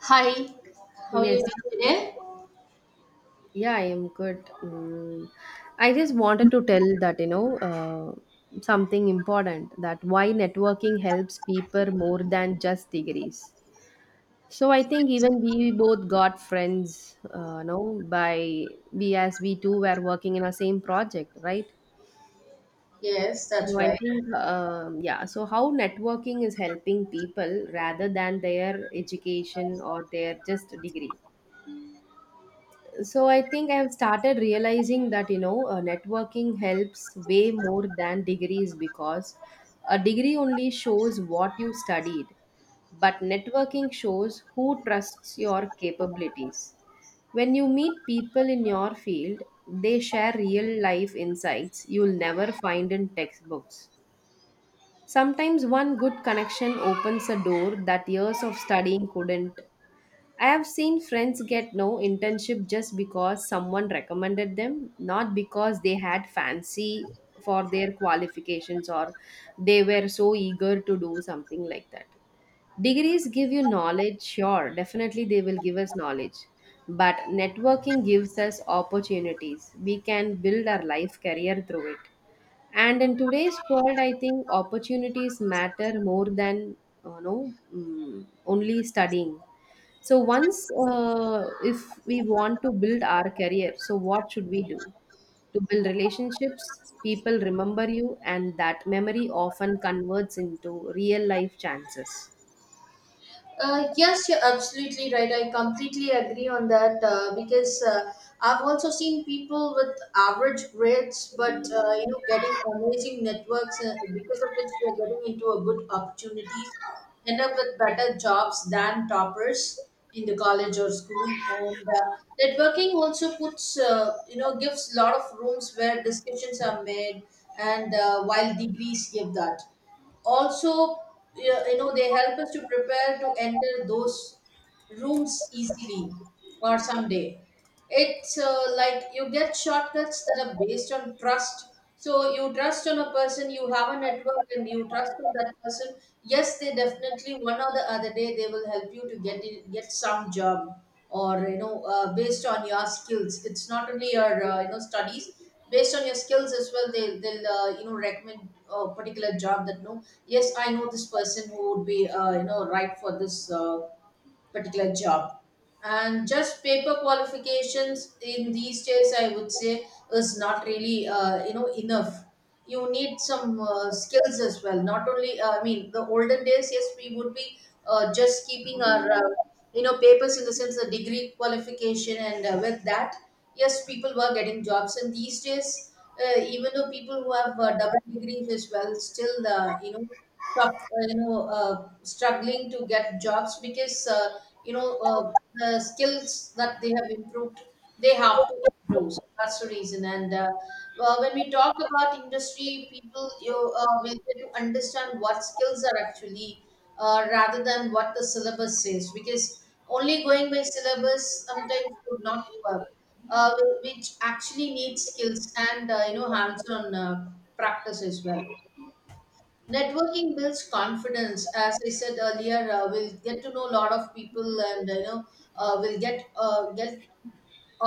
Hi, how are you Yes. doing today? Yeah, I am good. Mm. I just wanted to tell that, something important that why networking helps people more than just degrees. So I think even we both got friends, no, by we as we two were working in a same project, right? Yes, So that's I right. think, yeah, so how networking is helping people rather than their education or their just degree. So I think I have started realizing that networking helps way more than degrees because a degree only shows what you studied, but networking shows who trusts your capabilities. When you meet people in your field, they share real life insights you'll never find in textbooks. Sometimes one good connection opens a door that years of studying couldn't. I have seen friends get no internship just because someone recommended them, not because they had fancy for their qualifications or they were so eager to do something like that. Degrees give you knowledge, sure, definitely they will give us knowledge. But networking gives us opportunities. We can build our life career through it. And in today's world, I think opportunities matter more than only studying. So once if we want to build our career, so what should we do? To build relationships, people remember you, and that memory often converts into real life chances. Yes, you're absolutely right. I completely agree on that, because I've also seen people with average grades, but getting amazing networks because of which they're getting into a good opportunities, end up with better jobs than toppers in the college or school. And networking also puts, gives a lot of rooms where discussions are made, and while degrees give that also, they help us to prepare to enter those rooms easily, or someday it's like you get shortcuts that are based on trust. So you trust on a person, you have a network, and you trust on that person. Yes, they definitely one or the other day they will help you to get in, get some job, or based on your skills, it's not only your studies. Based on your skills as well, they'll recommend a particular job that no, yes, I know this person who would be right for this particular job. And just paper qualifications in these days, I would say, is not really enough. You need some skills as well, not only, I mean the olden days, yes, we would be just keeping our papers, in the sense the degree qualification, and with that, yes, people were getting jobs. And these days, even though people who have double degrees as well, still the, you know sup- uh, you know uh, struggling to get jobs, because the skills that they have improved they have to do, so that's the reason. And when we talk about industry people, you will get to understand what skills are actually, rather than what the syllabus says, because only going by syllabus sometimes would not work. uh, which actually needs skills and hands-on practice as well. Networking builds confidence. As I said earlier, we'll get to know a lot of people. And we'll get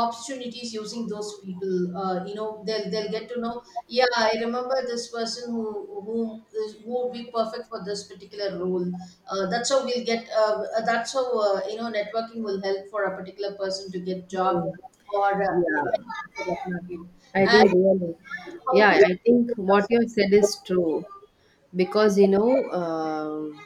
opportunities using those people. They'll get to know, yeah, I remember this person who would be perfect for this particular role. That's how networking will help for a particular person to get job, Mm. or Yeah, for that matter. I think really, And how to... yeah, I think what you have said is true, because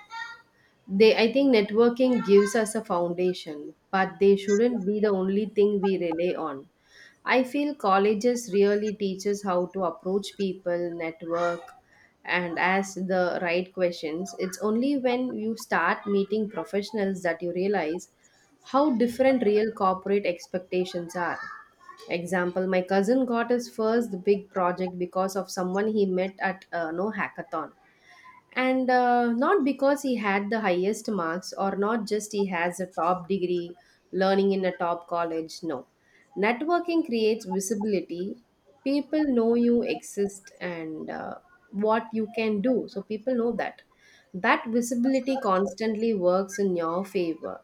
they, I think networking gives us a foundation, but they shouldn't be the only thing we rely on. I feel colleges really teach us how to approach people, network, and ask the right questions. It's only when you start meeting professionals that you realize how different real corporate expectations are. Example, my cousin got his first big project because of someone he met at hackathon, and not because he had the highest marks, or not just he has a top degree learning in a top college. No, networking creates visibility. People know you exist, and what you can do, so people know that that visibility constantly works in your favor,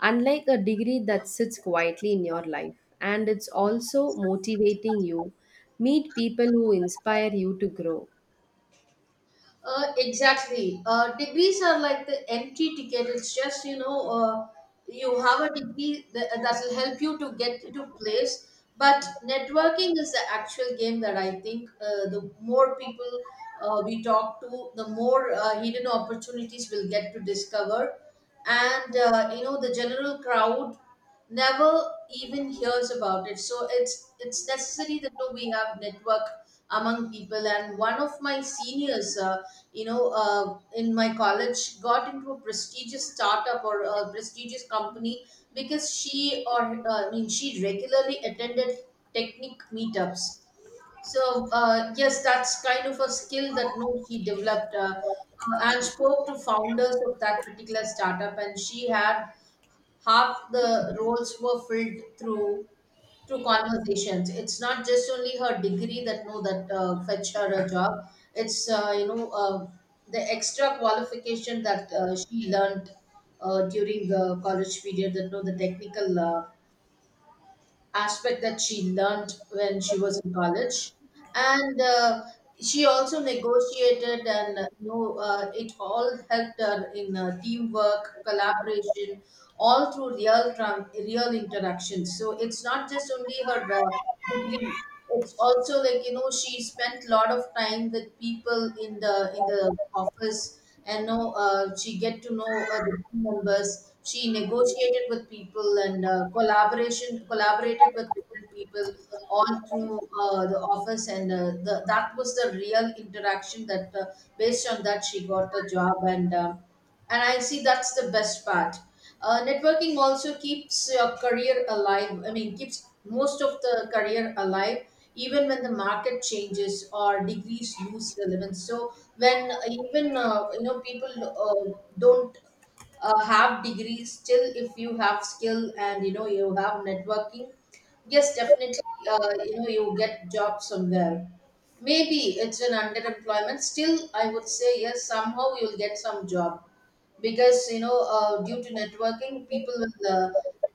unlike a degree that sits quietly in your life. And it's also motivating you, meet people who inspire you to grow. Exactly. Degrees are like the entry ticket. It's just, you have a degree that will help you to get into place. But networking is the actual game, that I think the more people we talk to, the more hidden opportunities we'll get to discover. And, the general crowd never even hears about it. So it's necessary that, we have network among people. And one of my seniors, in my college, got into a prestigious startup or a prestigious company, because she, or, I mean, she regularly attended technique meetups. So, yes, that's kind of a skill that no he developed, and spoke to founders of that particular startup. And she had, half the roles were filled through conversations. It's not just only her degree that no, that fetch her a job. It's the extra qualification that she learned during the college period, that know, the technical aspect that she learned when she was in college. And she also negotiated, and it all helped her in teamwork collaboration, all through real tran real interactions. So it's not just only her degree. It's also like, you know, she spent a lot of time with people in the office. And know, she get to know the team members, she negotiated with people, and collaboration collaborated with different people, all through the office. And that was the real interaction, that based on that she got the job. And, and I see that's the best part. Networking also keeps your career alive, I mean keeps most of the career alive even when the market changes or degrees lose relevance. So when, even, people don't have degrees, still, if you have skill and, you know, you have networking, yes, definitely you get job somewhere. Maybe it's an underemployment, still I would say, yes, somehow you'll get some job. Because, due to networking, people will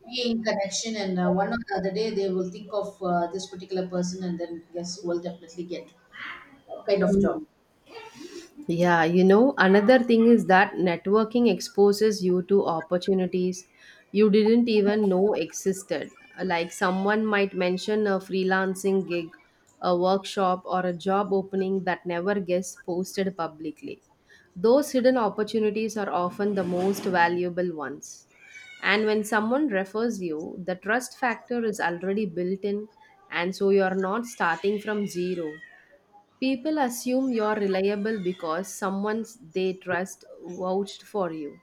be in connection, and one or the other day they will think of this particular person, and then, yes, will definitely get that kind of job. Hmm. Yeah, you know, another thing is that networking exposes you to opportunities you didn't even know existed. Like someone might mention a freelancing gig, a workshop, or a job opening that never gets posted publicly. Those hidden opportunities are often the most valuable ones. And when someone refers you, the trust factor is already built in, and so you are not starting from zero. People assume you're reliable because someone they trust vouched for you.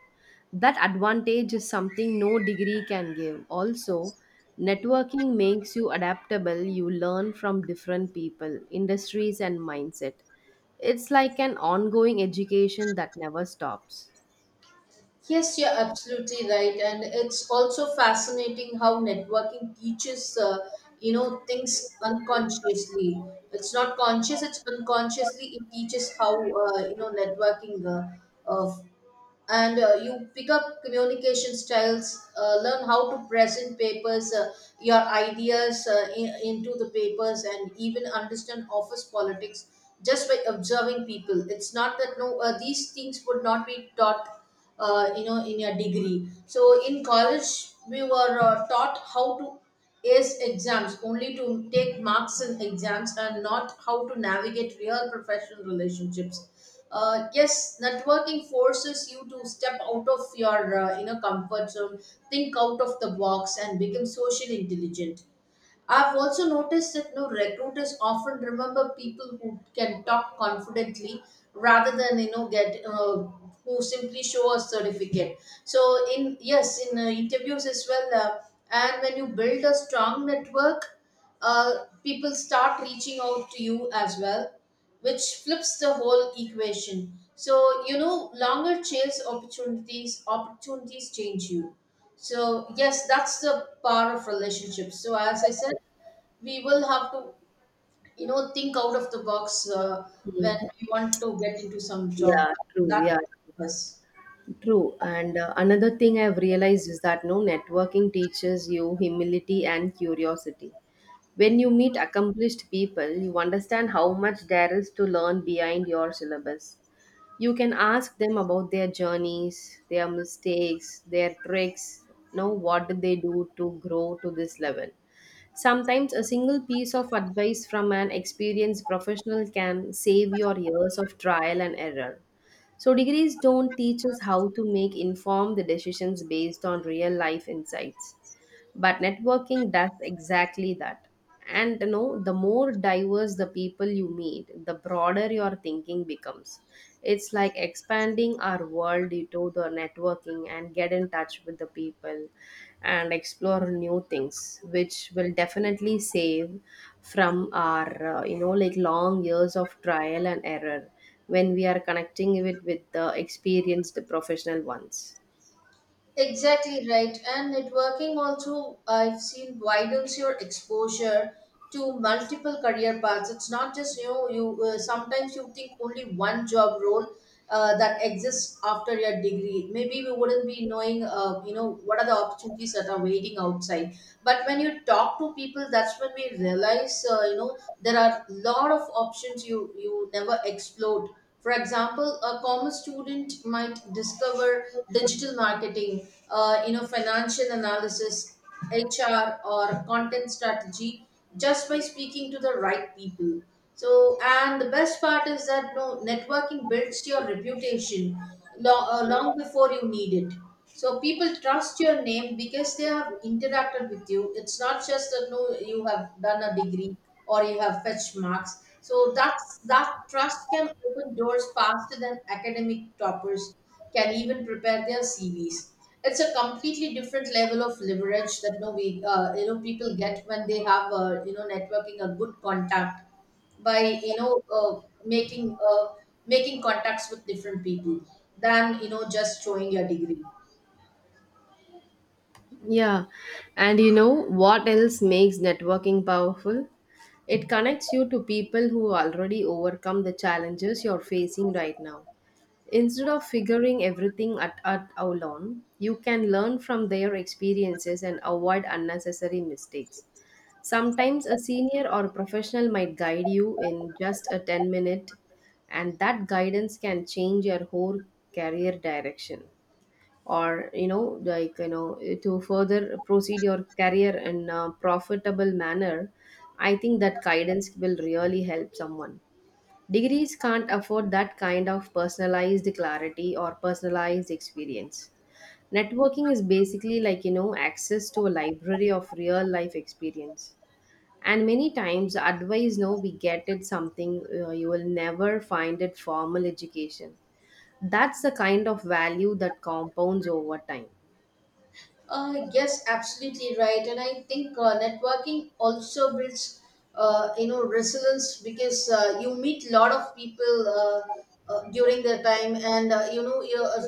That advantage is something no degree can give. Also, networking makes you adaptable. You learn from different people, industries, and mindset. It's like an ongoing education that never stops. Yes, you're absolutely right. And it's also fascinating how networking teaches things unconsciously. It's not conscious, it's unconsciously it teaches how, networking, and you pick up communication styles, learn how to present papers, your ideas, into the papers, and even understand office politics, just by observing people. It's not that no, these things would not be taught in your degree. So in college we were taught how to... Yes, exams, only to take marks in exams, and not how to navigate real professional relationships. Yes, networking forces you to step out of your inner comfort zone, think out of the box, and become socially intelligent. I've also noticed that no, recruiters often remember people who can talk confidently, rather than you know get who simply show a certificate. So in, yes, in interviews as well, and when you build a strong network, people start reaching out to you as well, which flips the whole equation. So, longer chase opportunities, opportunities change you. So yes, that's the power of relationships. So as I said, we will have to, think out of the box, when we want to get into some job. Yeah, true. That Yeah, us... true. And another thing I've realized is that no, networking teaches you humility and curiosity. When you meet accomplished people, you understand how much there is to learn behind your syllabus. You can ask them about their journeys, their mistakes, their tricks, you know, what did they do to grow to this level. Sometimes a single piece of advice from an experienced professional can save your years of trial and error. So, degrees don't teach us how to make informed decisions based on real life insights, but networking does exactly that. And you know, the more diverse the people you meet, the broader your thinking becomes. It's like expanding our world into the networking and get in touch with the people and explore new things, which will definitely save from our you know, like, long years of trial and error, when we are connecting it with the experienced professional ones. Exactly right. And networking also, I've seen, widens your exposure to multiple career paths. It's not just, you know you sometimes you think only one job role that exists after your degree. Maybe we wouldn't be knowing what are the opportunities that are waiting outside. But when you talk to people, that's when we realize there are a lot of options you never explored. For example, a commerce student might discover digital marketing, financial analysis, HR, or content strategy, just by speaking to the right people. So, and the best part is that no, networking builds your reputation long before you need it. So people trust your name because they have interacted with you. It's not just that no, you have done a degree or you have fetched marks. So that's that trust can open doors faster than academic toppers can even prepare their CVs. It's a completely different level of leverage, that no, we people get when they have networking, a good contact, by making contacts with different people, than, you know, just showing your degree. Yeah, and you know what else makes networking powerful? It connects you to people who already overcome the challenges you're facing right now. Instead of figuring everything at our own, you can learn from their experiences and avoid unnecessary mistakes. Sometimes a senior or professional might guide you in just a 10 minute, and that guidance can change your whole career direction, or you know, like, you know, to further proceed your career in a profitable manner. I think that guidance will really help someone. Degrees can't afford that kind of personalized clarity or personalized experience. Networking is basically, like, you know, access to a library of real life experience, and many times advice, no, we get it, something you will never find it formal education. That's the kind of value that compounds over time. Yes, absolutely right. And I think networking also builds, resilience, because you meet a lot of people during their time, and uh, you know, you uh,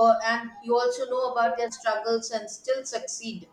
uh, and you also know about their struggles and still succeed,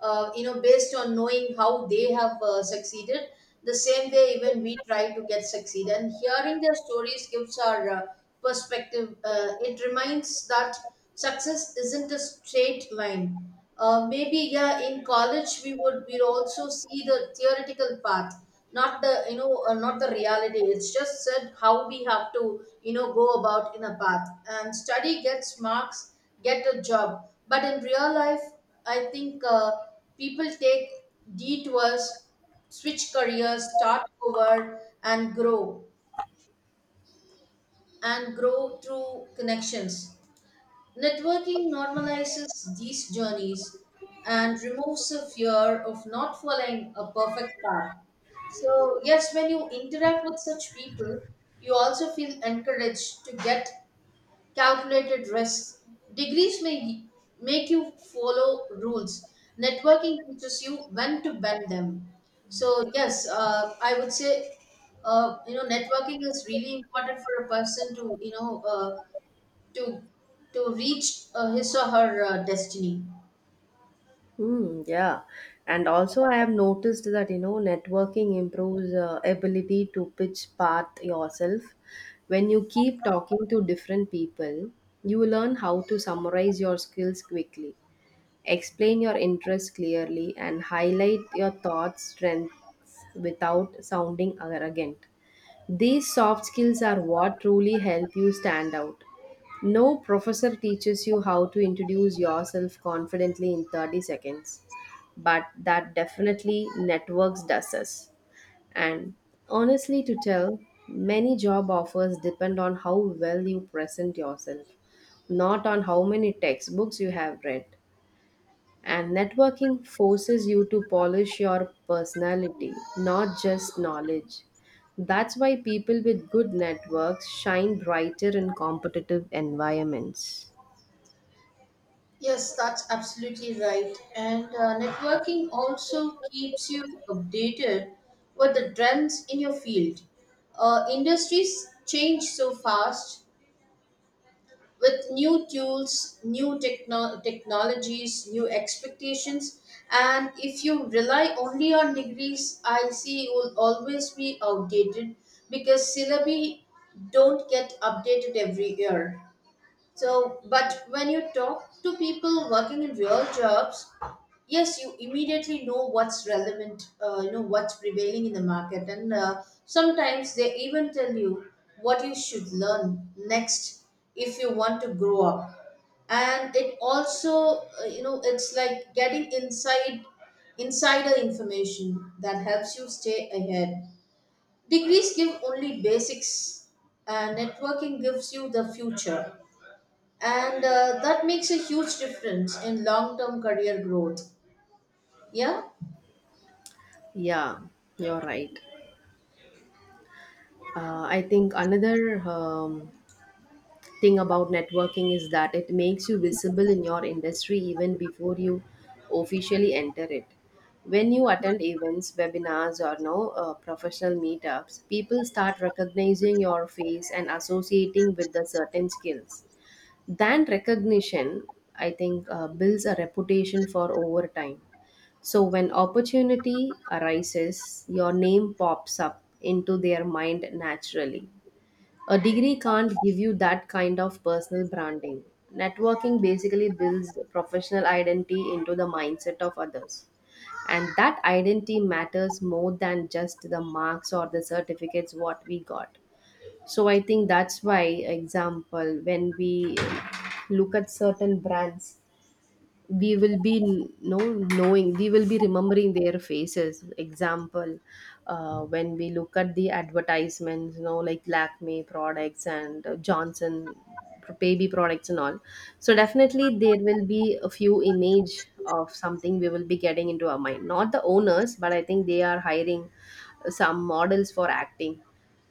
based on knowing how they have succeeded. The same way, even we try to get succeed, and hearing their stories gives our perspective. It reminds that success isn't a straight line. Maybe, yeah, in college we also see the theoretical path, not the, not the reality. It's just said how we have to, go about in a path and study, gets marks, get a job. But in real life, I think people take detours, switch careers, start over, and grow through connections. Networking normalizes these journeys and removes the fear of not following a perfect path. So, yes, when you interact with such people, you also feel encouraged to get calculated risks. Degrees may make you follow rules. Networking teaches you when to bend them. So yes, I would say networking is really important for a person to, to reach his or her destiny. Mm, yeah. And also, I have noticed that, you know, networking improves ability to pitch path yourself. When you keep talking to different people, you learn how to summarize your skills quickly, explain your interests clearly, and highlight your thoughts, strengths without sounding arrogant. These soft skills are what truly help you stand out. No professor teaches you how to introduce yourself confidently in 30 seconds, but that definitely networks does us. And honestly, to tell, many job offers depend on how well you present yourself, not on how many textbooks you have read. And networking forces you to polish your personality, not just knowledge. That's why people with good networks shine brighter in competitive environments. Yes, that's absolutely right. And networking also keeps you updated with the trends in your field. Industries change so fast, with new tools, new technologies, new expectations. And if you rely only on degrees, I see you will always be outdated because syllabi don't get updated every year. So, but when you talk to people working in real jobs, yes, you immediately know what's relevant, what's prevailing in the market, and sometimes they even tell you what you should learn next if you want to grow up. And it also, it's like getting inside insider information that helps you stay ahead. Degrees give only basics, and networking gives you the future. And that makes a huge difference in long term career growth, yeah. Yeah, you're right. I think another thing about networking is that it makes you visible in your industry even before you officially enter it. When you attend events, webinars, or no professional meetups, people start recognizing your face and associating with the certain skills. That recognition, I think, builds a reputation for over time. So when opportunity arises, your name pops up into their mind naturally. A degree can't give you that kind of personal branding. Networking basically builds professional identity into the mindset of others. And that identity matters more than just the marks or the certificates what we got. So I think that's why, example, when we look at certain brands, we will be, no, knowing, we will be remembering their faces. Example, when we look at the advertisements, you know, like Lakme products and Johnson baby products and all, so definitely there will be a few image of something we will be getting into our mind, not the owners, but I think they are hiring some models for acting.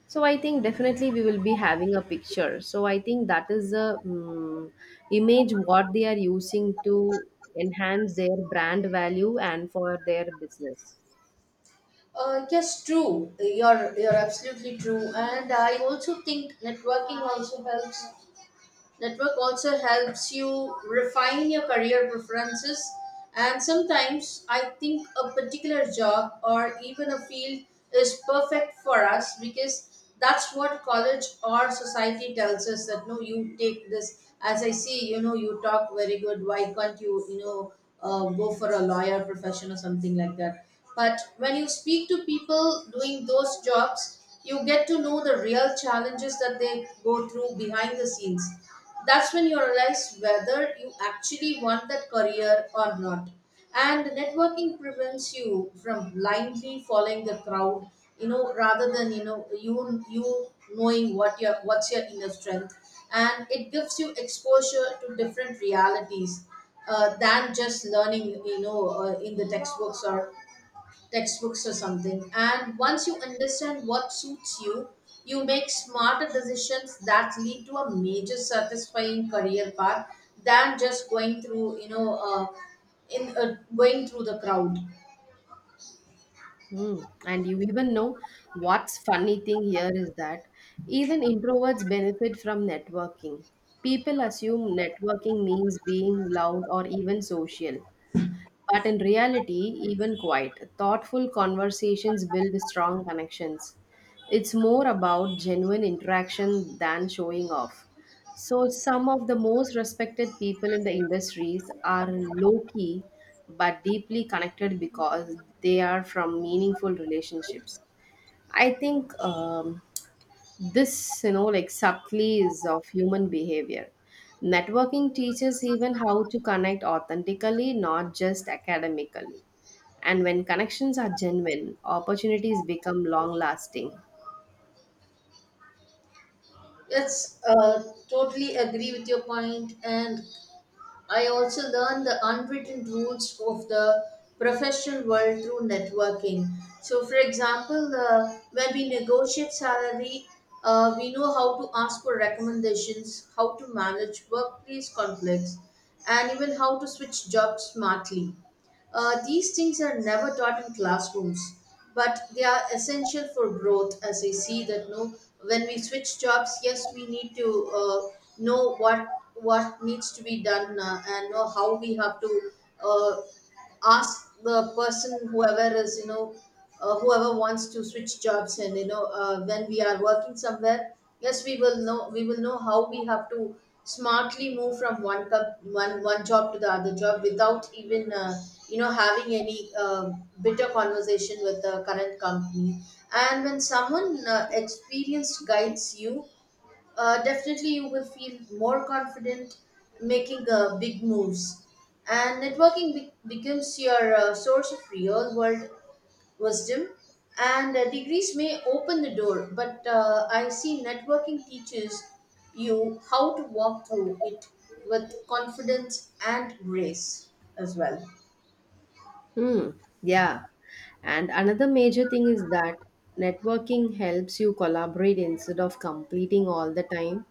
So I think definitely we will be having a picture. So I think that is a image what they are using to enhance their brand value and for their business. Yes, true. You're absolutely true, and I also think network also helps you refine your career preferences, and sometimes I think a particular job or even a field is perfect for us because that's what college or society tells us that, no, you take this. As I see, you know, you talk very good. Why can't you, go for a lawyer profession or something like that? But when you speak to people doing those jobs, you get to know the real challenges that they go through behind the scenes. That's when you realize whether you actually want that career or not, and networking prevents you from blindly following the crowd, you know, rather than, you know you you knowing what your what's your inner strength. And it gives you exposure to different realities, than just learning, you know, in the textbooks or textbooks or something. And once you understand what suits you, you make smarter decisions that lead to a major satisfying career path than just going through, you know, in going through the crowd. Mm. And you even know what's funny thing here is that even introverts benefit from networking. People assume networking means being loud or even social, but in reality, even quiet, thoughtful conversations build strong connections. It's more about genuine interaction than showing off. So, some of the most respected people in the industries are low key but deeply connected because they are from meaningful relationships. I think this, you know, like, subtleties of human behavior, networking teaches even how to connect authentically, not just academically. And when connections are genuine, opportunities become long lasting. Yes, totally agree with your point, and I also learned the unwritten rules of the professional world through networking. So, for example, when we negotiate salary, we know how to ask for recommendations, how to manage workplace conflicts, and even how to switch jobs smartly. These things are never taught in classrooms, but they are essential for growth. As I see that, no, when we switch jobs, yes, we need to know what needs to be done, and know how we have to uh, ask the person whoever is, you know, whoever wants to switch jobs. And you know, when we are working somewhere, yes, we will know how we have to smartly move from one cup, one one job to the other job without even, you know, having any, bitter conversation with the current company. And when someone, experienced guides you, definitely you will feel more confident making, big moves, and networking becomes your, source of real world wisdom. And degrees may open the door, but I see networking teaches you how to walk through it with confidence and grace as well. Hmm. Yeah. And another major thing is that networking helps you collaborate instead of competing all the time.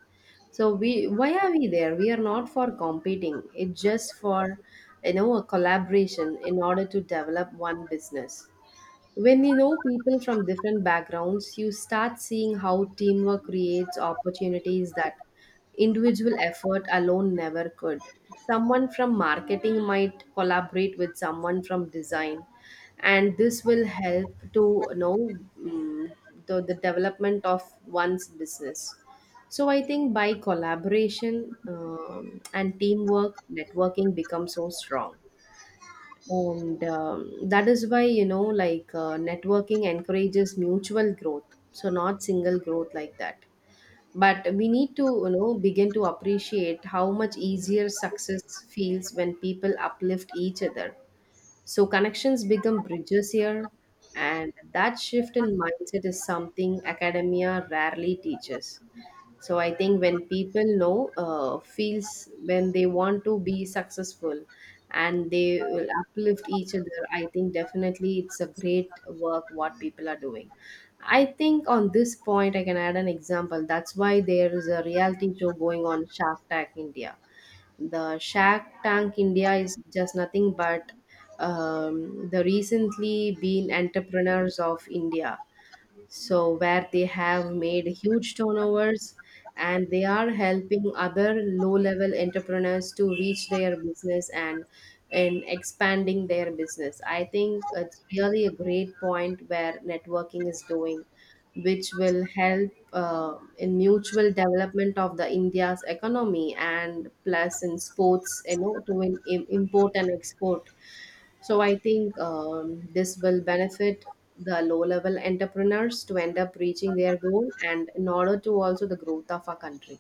So we, why are we there? We are not for competing. It's just for, you know, a collaboration in order to develop one business. When you know people from different backgrounds, you start seeing how teamwork creates opportunities that individual effort alone never could. Someone from marketing might collaborate with someone from design, and this will help to, you know, the development of one's business. So I think by collaboration and teamwork, networking becomes so strong. And that is why, you know, like, networking encourages mutual growth, so not single growth like that, but we need to, you know, begin to appreciate how much easier success feels when people uplift each other. So connections become bridges here, and that shift in mindset is something academia rarely teaches. So I think when people know, feels when they want to be successful and they will uplift each other, I think definitely it's a great work what people are doing. I think on this point, I can add an example. That's why there is a reality show going on, Shark Tank India. The Shark Tank India is just nothing but the recently been entrepreneurs of India, so where they have made huge turnovers, and they are helping other low level entrepreneurs to reach their business and in expanding their business. I think it's really a great point where networking is doing, which will help in mutual development of the India's economy, and plus in sports, you know, to import and export. So I think this will benefit the low-level entrepreneurs to end up reaching their goal, and in order to also the growth of our country.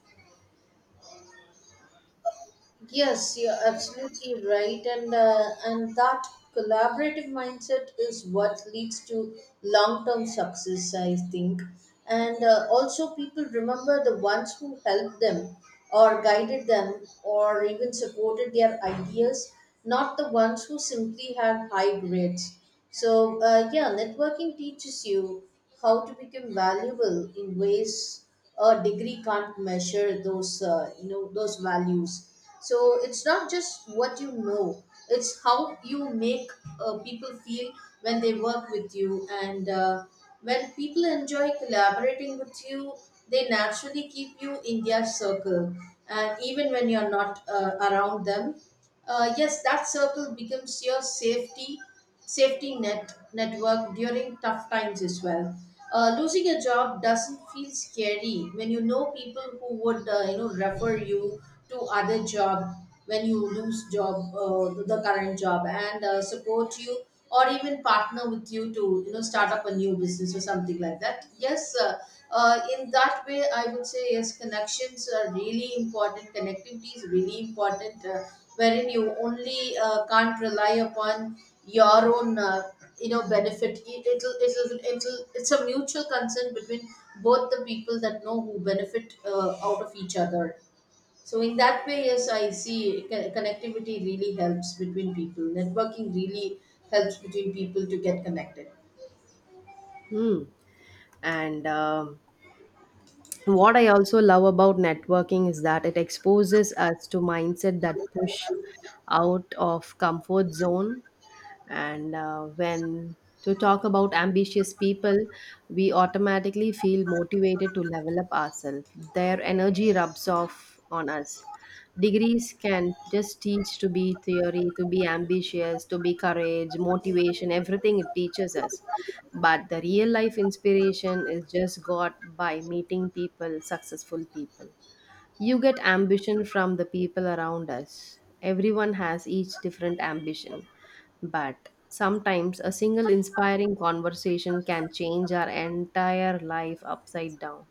Yes, you're absolutely right, and and that collaborative mindset is what leads to long-term success, I think. And also, people remember the ones who helped them, or guided them, or even supported their ideas, not the ones who simply had high grades. So, yeah, networking teaches you how to become valuable in ways a degree can't measure those, those values. So it's not just what you know, it's how you make, people feel when they work with you. And when people enjoy collaborating with you, they naturally keep you in their circle, and even when you're not, around them, yes, that circle becomes your safety net network during tough times as well. Losing a job doesn't feel scary when you know people who would, you know, refer you to other job when you lose job, the current job, and support you or even partner with you to, you know, start up a new business or something like that. Yes. In that way, I would say yes, connections are really important. Connectivity is really important. Wherein you only, can't rely upon your own, benefit. It'll it's a mutual concern between both the people that know who benefit, out of each other. So in that way, yes, I see connectivity really helps between people. Networking really helps between people to get connected. Hmm. And what I also love about networking is that it exposes us to mindset that push out of comfort zone. And when to talk about ambitious people, we automatically feel motivated to level up ourselves. Their energy rubs off on us. Degrees can just teach to be theory, to be ambitious, to be courage, motivation, everything it teaches us. But the real life inspiration is just got by meeting people, successful people. You get ambition from the people around us. Everyone has each different ambition, but sometimes a single inspiring conversation can change our entire life upside down.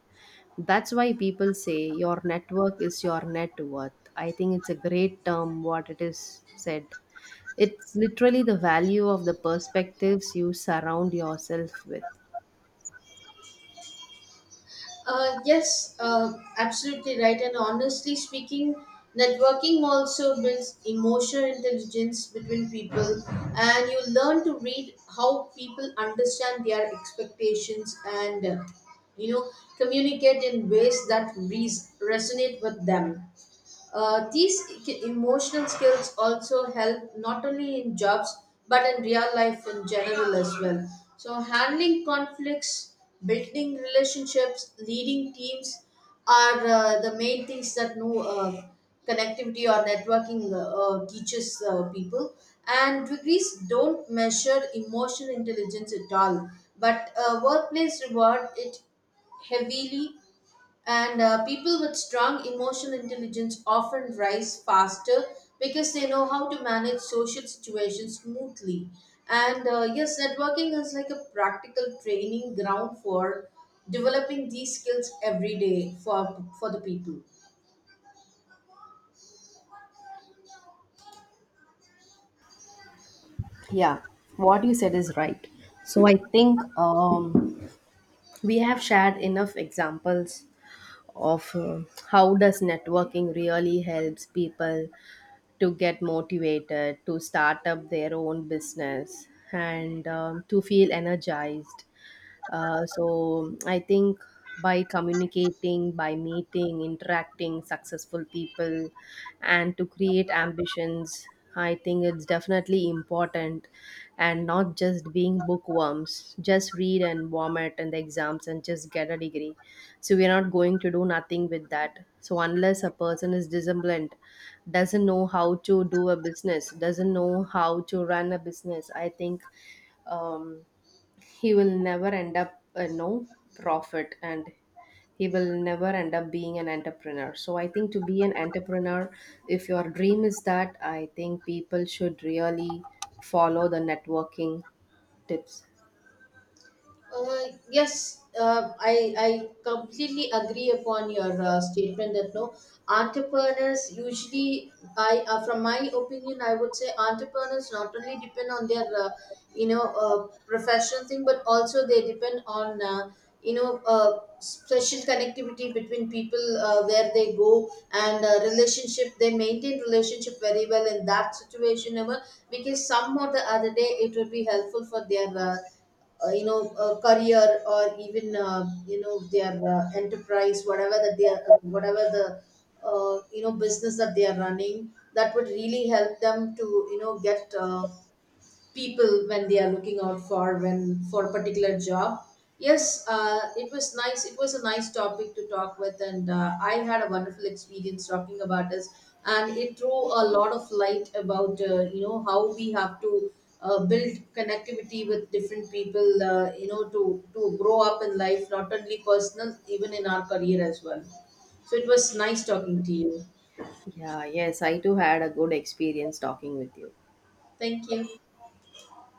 That's why people say your network is your net worth. I think it's a great term, what it is said. It's literally the value of the perspectives you surround yourself with. Yes, absolutely right. And honestly speaking, networking also builds emotional intelligence between people, and you learn to read how people understand their expectations, and you know communicate in ways that resonate with them. These emotional skills also help not only in jobs but in real life in general as well. So, handling conflicts, building relationships, leading teams are, the main things that, no, connectivity or networking, teaches, people. And degrees don't measure emotional intelligence at all, but workplace reward it heavily, and people with strong emotional intelligence often rise faster because they know how to manage social situations smoothly. And yes, networking is like a practical training ground for developing these skills every day for the people. Yeah, what you said is right. So I think we have shared enough examples of how does networking really helps people to get motivated to start up their own business, and to feel energized. So I think by communicating, by meeting, interacting successful people, and to create ambitions, I think it's definitely important, and not just being bookworms. Just read and vomit in the exams and just get a degree. So we're not going to do nothing with that. So unless a person is disciplined, doesn't know how to do a business, doesn't know how to run a business, I think um he will never end up a, no, profit, and he will never end up being an entrepreneur. So I think, to be an entrepreneur, if your dream is that, I think people should really follow the networking tips. Uh, yes, I completely agree upon your, statement that, no, entrepreneurs usually I from my opinion I would say entrepreneurs not only depend on their, professional thing, but also they depend on, special connectivity between people, where they go, and relationship, they maintain relationship very well in that situation ever, because some or the other day it would be helpful for their, a career, or even, their, enterprise, whatever that they are, whatever the, business that they are running, that would really help them to, you know, get, people when they are looking out for, when for a particular job. Yes, it was nice, it was a nice topic to talk with, and I had a wonderful experience talking about this, and it threw a lot of light about, how we have to, build connectivity with different people, to grow up in life, not only personal, even in our career as well. So it was nice talking to you. Yeah, yes, I too had a good experience talking with you. Thank you.